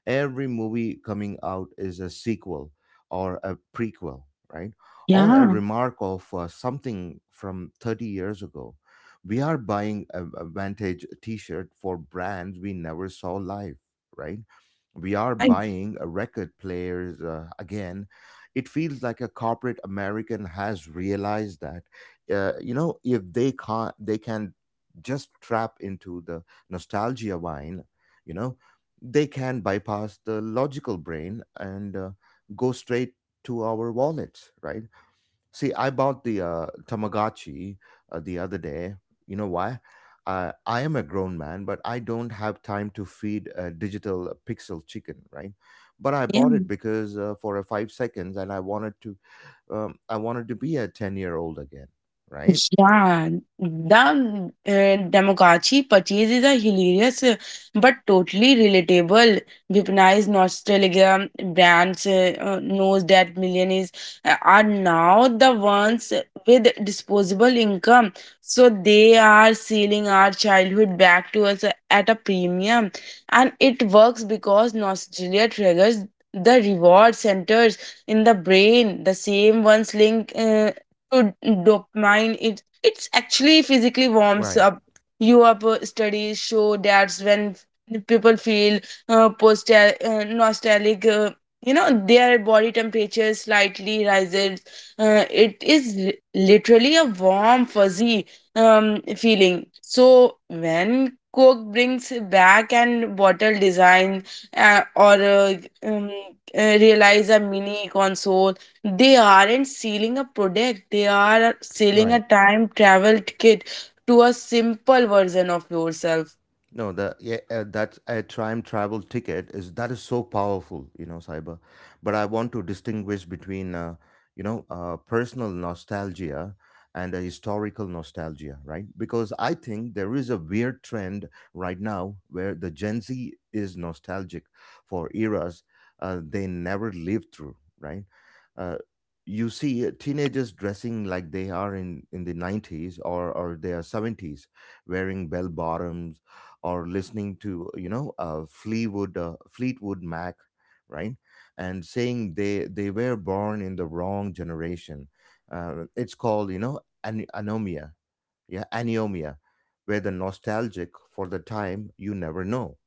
[SPEAKER 1] Every movie coming out is a sequel or a prequel, right? Or a
[SPEAKER 2] Yeah,
[SPEAKER 1] remark of uh, something from thirty years ago. We are buying a, a vintage t shirt for brands we never saw live, right? We are
[SPEAKER 2] yeah.
[SPEAKER 1] buying a record players uh, again. It feels like a corporate American has realized that, uh, you know, if they can't, they can just trap into the nostalgia wine you know they can bypass the logical brain and uh, go straight to our wallets, right? See, I bought the uh, Tamagotchi uh, the other day. You know why? Uh, I am a grown man, but I don't have time to feed a digital pixel chicken, right? But I bought it because uh, for a five seconds, and I wanted to, um, I wanted to be a ten year old again, right?
[SPEAKER 2] Yeah, the uh, Demogorgon purchase is a hilarious uh, but totally relatable. Weaponized nostalgia brands uh, uh, knows that millionaires uh, are now the ones with disposable income, so they are selling our childhood back to us uh, at a premium, and it works because nostalgia triggers the reward centers in the brain, the same ones link. Uh, to dopamine, it it's actually physically warms
[SPEAKER 1] Right,
[SPEAKER 2] up you up. Uh, studies show that's when people feel uh, post uh, nostalgic uh, you know their body temperature slightly rises. uh, it is li- Literally a warm fuzzy um, feeling. So when coke brings back and bottle design, uh, or uh, um, uh, realize a mini console, they aren't selling a product, they are selling a
[SPEAKER 1] right.
[SPEAKER 2] time travel ticket to a simple version of yourself.
[SPEAKER 1] No, the yeah, uh, that's a time travel ticket is that is so powerful, you know, cyber. But I
[SPEAKER 2] Yeah,
[SPEAKER 1] want to distinguish between, uh, you know, uh, personal nostalgia and a historical nostalgia, right? Because I think there is a weird trend right now where the Gen Z is nostalgic for eras uh, they never lived through, right? Uh, you see uh, teenagers dressing like they are in, in the nineties or, or their seventies, wearing bell bottoms or listening to you know uh, Fleetwood uh, Fleetwood Mac, right? And saying they
[SPEAKER 2] right.
[SPEAKER 1] they were born in the wrong generation. Uh, it's called you know an- anomia, yeah, anomia, where the nostalgic for the time you never know.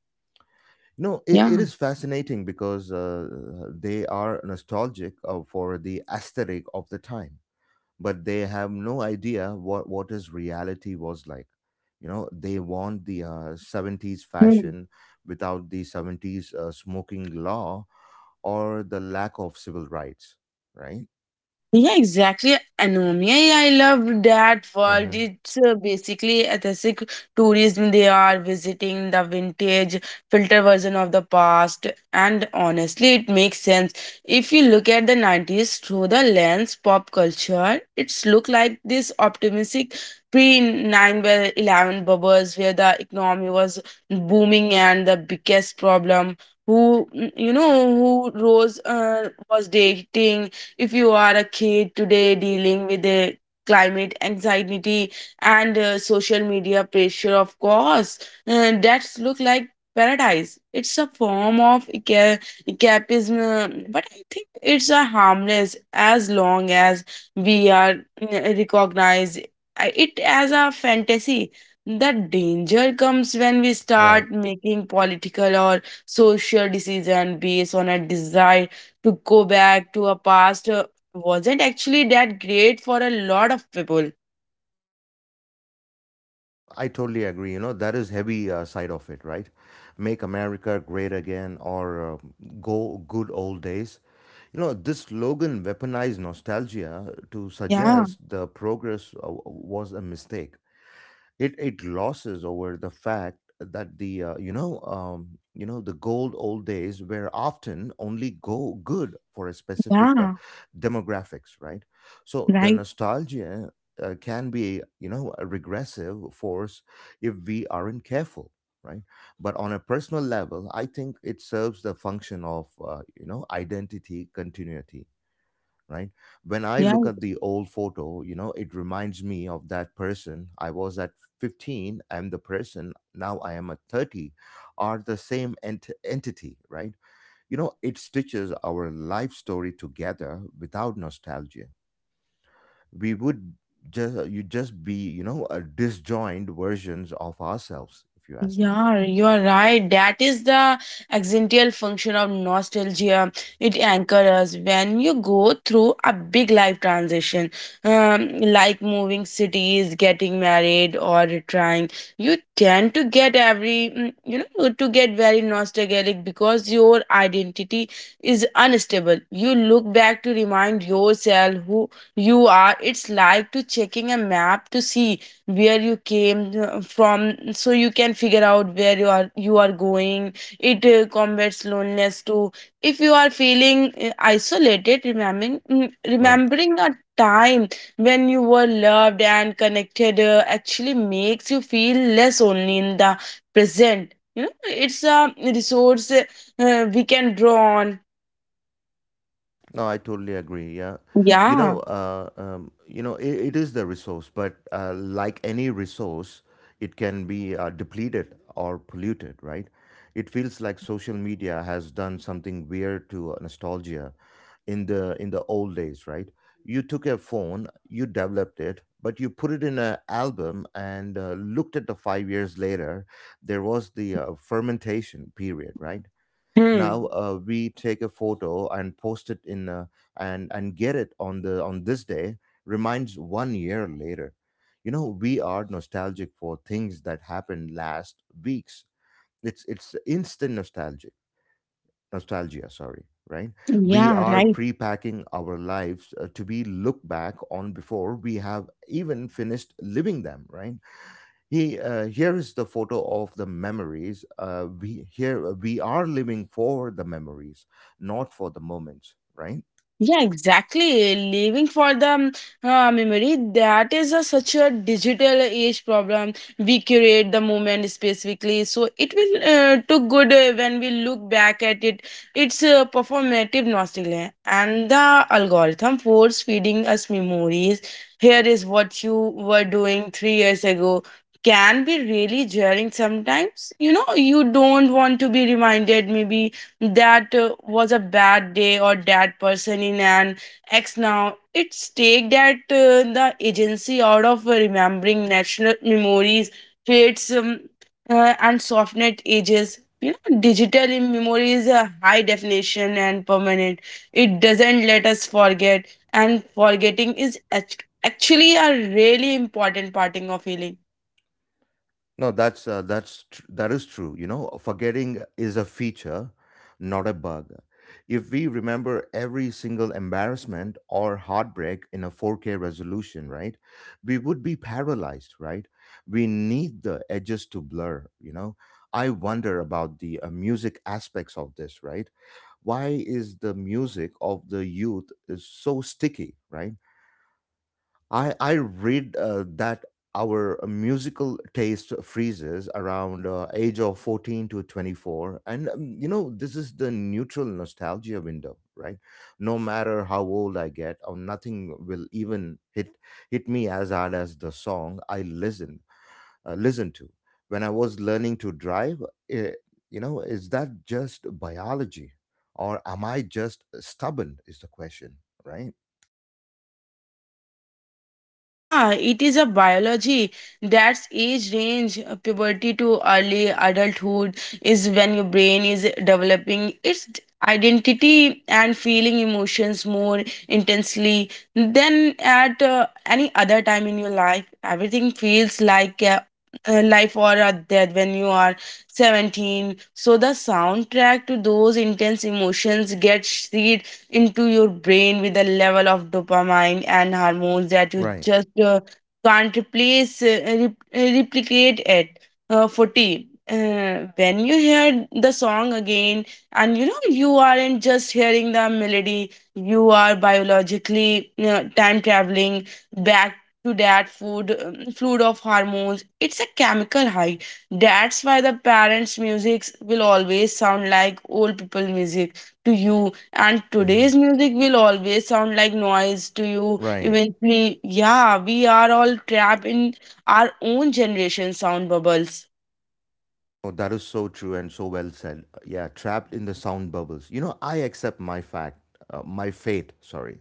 [SPEAKER 1] You know, it, it
[SPEAKER 2] Yeah.
[SPEAKER 1] is fascinating because uh, they are nostalgic uh, for the aesthetic of the time but they have no idea what what is reality was like you know they want the uh, seventies
[SPEAKER 2] Hmm.
[SPEAKER 1] fashion without the seventies uh, smoking law or the lack of civil rights right.
[SPEAKER 2] Yeah, exactly. Anomia, yeah, I love that world.
[SPEAKER 1] Hmm.
[SPEAKER 2] It's uh, basically aesthetic tourism. They are visiting the vintage filter version of the past. And honestly, it makes sense. If you look at the nineties through the lens pop culture, it's look like this optimistic pre nine eleven bubbles where the economy was booming and the biggest problem who you know who rose uh, was dating. If you are a kid today dealing with the climate anxiety and uh, social media pressure, of course uh, that's look like paradise. It's a form of ca- escapism uh, but I think it's a harmless as long as we are uh, recognize uh, it as a fantasy. The danger comes when we
[SPEAKER 1] Right.
[SPEAKER 2] start making political or social decision based on a desire to go back to a past uh, wasn't actually that great for a lot of people.
[SPEAKER 1] I totally agree. You know, that is heavy uh, side of it, right? Make America great again or uh, go good old days. You know, this slogan weaponized nostalgia to
[SPEAKER 2] Yeah,
[SPEAKER 1] suggest the progress uh, was a mistake. it it glosses over the fact that the uh, you know um, you know the gold old days were often only go good for a specific uh,
[SPEAKER 2] yeah,
[SPEAKER 1] demographics right so the
[SPEAKER 2] right.
[SPEAKER 1] nostalgia uh, can be you know a regressive force if we aren't careful right but on a personal level I think it serves the function of uh, you know identity continuity right when I
[SPEAKER 2] Yeah.
[SPEAKER 1] look at the old photo you know it reminds me of that person I was at fifteen I'm the person now I am at thirty are the same ent- entity right you know it stitches our life story together without nostalgia we would just you just be you know a disjoined versions of ourselves if you ask me.
[SPEAKER 2] Yeah, you are right. That is the accidental function of nostalgia. It anchors us when you go through a big life transition, um, like moving cities, getting married, or retiring. You tend to get every, mm, you know, to get very nostalgic because your identity is unstable. You look back to remind yourself who you are. It's like to checking a map to see where you came uh, from, so you can figure out where you are you are going. It uh, combats loneliness too. If you are feeling uh, isolated, remembering mm,
[SPEAKER 1] Right.
[SPEAKER 2] remembering a time when you were loved and connected uh, actually makes you feel less only in the present. You know, it's a resource uh, uh, we can draw on.
[SPEAKER 1] No, I totally agree. Yeah, you
[SPEAKER 2] Yeah.
[SPEAKER 1] know, uh, um, you know, it, it is the resource, but uh, like any resource, it can be uh, depleted or polluted, right? It feels
[SPEAKER 2] Yeah.
[SPEAKER 1] like social media has done something weird to nostalgia in the in the old days, right? You took a phone, you developed it, but you put it in an album and uh, looked at the five years later. There was the uh, fermentation period, right? Now
[SPEAKER 2] Hmm.
[SPEAKER 1] uh, we take a photo and post it in uh, and and get it on the on this day reminds one year later you know we are nostalgic for things that happened last weeks it's it's instant nostalgic nostalgia sorry right we
[SPEAKER 2] Yeah,
[SPEAKER 1] are
[SPEAKER 2] right.
[SPEAKER 1] pre-packing our lives uh, to be looked back on before we have even finished living them right he, uh, here is the photo of the memories. Uh, we here we are living for the memories, not for the moments, right?
[SPEAKER 2] Yeah, exactly. Living for the um, uh, memory, that is a, such a digital age problem. We curate the moment specifically, so it will uh, look good uh, when we look back at it. It's a performative nostalgia, and the algorithm force feeding us memories. Here is what you were doing three years ago. Can be really jarring sometimes. You know, you don't want to be reminded, maybe that uh, was a bad day or that person in an X now. It's take that uh, the agency out of remembering national memories, fates, um, uh, and softnet ages. You know, digital in memory is a high definition and permanent. It doesn't let us forget, and forgetting is act- actually a really important parting of healing.
[SPEAKER 1] No, that's uh, that's tr- that is true. You know, forgetting is a feature, not a bug. If we remember every single embarrassment or heartbreak in a four K resolution, right, we would be paralyzed, right? We need the edges to blur. You know, I wonder about the uh, music aspects of this, right? Why is the music of the youth is so sticky, right? I I read uh, that our musical taste freezes around uh, age of fourteen to twenty-four and um, you know this is the neutral nostalgia window right no matter how old I get or nothing will even hit hit me as hard as the song i listen uh, listen to when I was learning to drive, eh, you know is that just biology or am I just stubborn is the question right.
[SPEAKER 2] Yeah, it is a biology. That's age range, uh, puberty to early adulthood is when your brain is developing its d- identity and feeling emotions more intensely than at uh, any other time in your life. Everything feels like a, a life or a death when you are seventeen. So the soundtrack to those intense emotions gets into your brain with a level of dopamine and hormones that you
[SPEAKER 1] Right.
[SPEAKER 2] just uh, can't replace, uh, rep- uh, replicate it uh, for tea. Uh, when you hear the song again, and you know you aren't just hearing the melody, you are biologically uh, time traveling back to that food um, fluid of hormones. It's a chemical high. That's why the parents' music will always sound like old people music to you, and
[SPEAKER 1] Hmm.
[SPEAKER 2] today's music will always sound like noise to you
[SPEAKER 1] Right.
[SPEAKER 2] eventually. Yeah, we are all trapped in our own generation sound bubbles.
[SPEAKER 1] Oh, that is so true and so well said. Yeah, trapped in the sound bubbles. You know, I accept my fact, uh, my fate, sorry,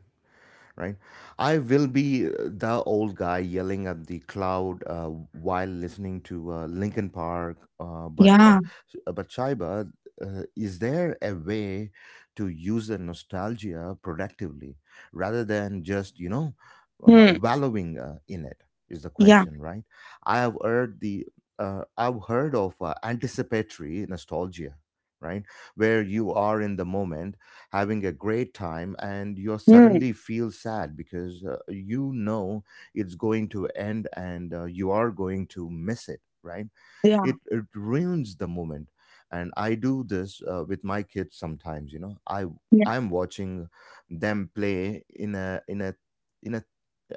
[SPEAKER 1] right? I will be the old guy yelling at the cloud uh, while listening to uh, Linkin Park. Uh, but uh,
[SPEAKER 2] Yeah.
[SPEAKER 1] sh- but Shaiba, uh, is there a way to use the nostalgia productively rather than just you know uh,
[SPEAKER 2] Hmm.
[SPEAKER 1] wallowing uh, in it? Is the
[SPEAKER 2] Yeah.
[SPEAKER 1] question right? I have heard the uh, I've heard of uh, anticipatory nostalgia, right, where you are in the moment having a great time and you
[SPEAKER 2] Hmm.
[SPEAKER 1] suddenly feel sad because uh, you know it's going to end and uh, you are going to miss it right
[SPEAKER 2] Yeah.
[SPEAKER 1] it, it ruins the moment and I do this uh, with my kids sometimes you know i i'm watching them play in a in a in a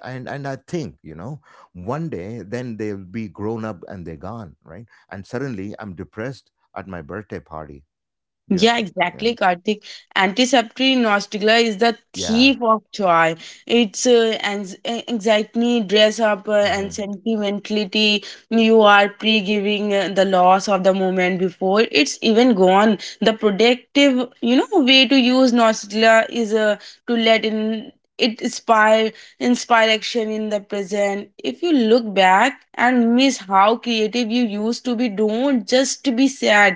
[SPEAKER 1] and and I think you know one day then they'll be grown up and they're gone right and suddenly I'm depressed at my birthday party. Yeah,
[SPEAKER 2] Yeah,
[SPEAKER 1] yeah,
[SPEAKER 2] exactly, Karthik. Antiseptic nostalgia is the
[SPEAKER 1] yeah.
[SPEAKER 2] thief of joy. It's uh, ans- a- anxiety, dress up, uh, and
[SPEAKER 1] Hmm.
[SPEAKER 2] sentimentality. You are pre giving uh, the loss of the moment before it's even gone. The productive, you know, way to use nostalgia is uh, to let in it inspire inspire action in the present. If you look back and miss how creative you used to be, don't just be sad.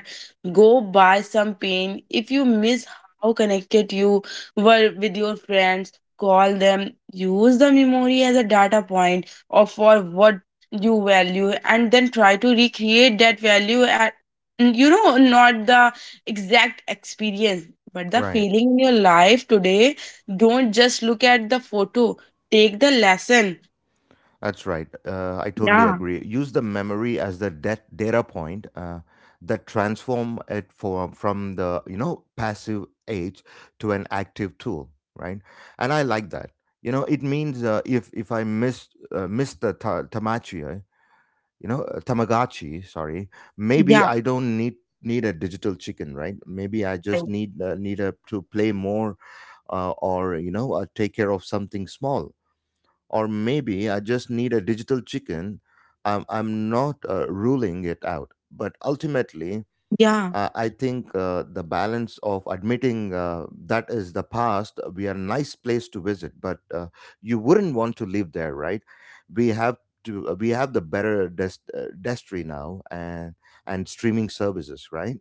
[SPEAKER 2] Go buy some paint. If you miss how connected you were with your friends, call them. Use the memory as a data point or for what you value and then try to recreate that value at mm, you know not the exact experience but the
[SPEAKER 1] Right.
[SPEAKER 2] feeling in your life today. Don't just look at the photo, take the lesson.
[SPEAKER 1] That's right. Uh, I totally
[SPEAKER 2] Yeah.
[SPEAKER 1] agree. Use the memory as the dat data point uh, that transform it for, from the you know passive age to an active tool, right? And I like that. You know, it means uh, if if I missed uh, missed the ta- tamagotchi, uh, you know, uh, Tamagotchi, sorry, maybe
[SPEAKER 2] Yeah,
[SPEAKER 1] I don't need need a digital chicken, right? Maybe I
[SPEAKER 2] right.
[SPEAKER 1] just need uh, need a, to play more uh, or you know uh, take care of something small or maybe I just need a digital chicken. I'm, I'm not uh, ruling it out. But ultimately,
[SPEAKER 2] Yeah.
[SPEAKER 1] uh, I think uh, the balance of admitting uh, that is the past, we are a nice place to visit, but uh, you wouldn't want to live there, right? We have to, uh, we have the better dest- uh, destry now and, and streaming services, right?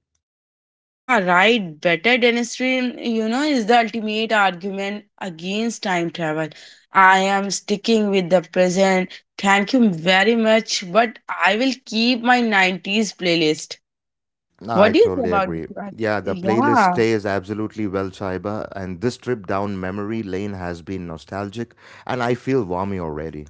[SPEAKER 2] Yeah, right. Better dentistry, you know, is the ultimate argument against time travel. I am sticking with the present. Thank you very much, but I will keep my nineties playlist.
[SPEAKER 1] Nah, I
[SPEAKER 2] What do you think
[SPEAKER 1] totally
[SPEAKER 2] about this?
[SPEAKER 1] agree.
[SPEAKER 2] Raj?
[SPEAKER 1] Yeah, the playlist
[SPEAKER 2] Yeah,
[SPEAKER 1] stays absolutely well, Shaiba, and this trip down memory lane has been nostalgic, and I feel warmy already,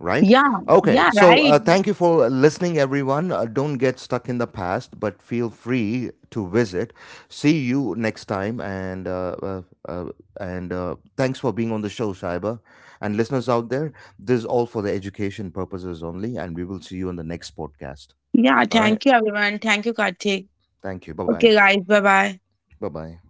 [SPEAKER 1] right?
[SPEAKER 2] yeah,
[SPEAKER 1] Okay,
[SPEAKER 2] yeah,
[SPEAKER 1] so
[SPEAKER 2] right.
[SPEAKER 1] uh, thank you for listening, everyone. Uh, don't get stuck in the past, but feel free to visit. See you next time, and uh, uh, uh, and uh, thanks for being on the show, Shaiba, and listeners out
[SPEAKER 2] Yeah,
[SPEAKER 1] there. This is all for the education purposes only, and we will see you on the next podcast.
[SPEAKER 2] yeah.
[SPEAKER 1] All right,
[SPEAKER 2] Thank you, everyone. Thank you, Karthik.
[SPEAKER 1] thank you. Bye bye.
[SPEAKER 2] Okay, guys, bye bye.
[SPEAKER 1] Bye bye.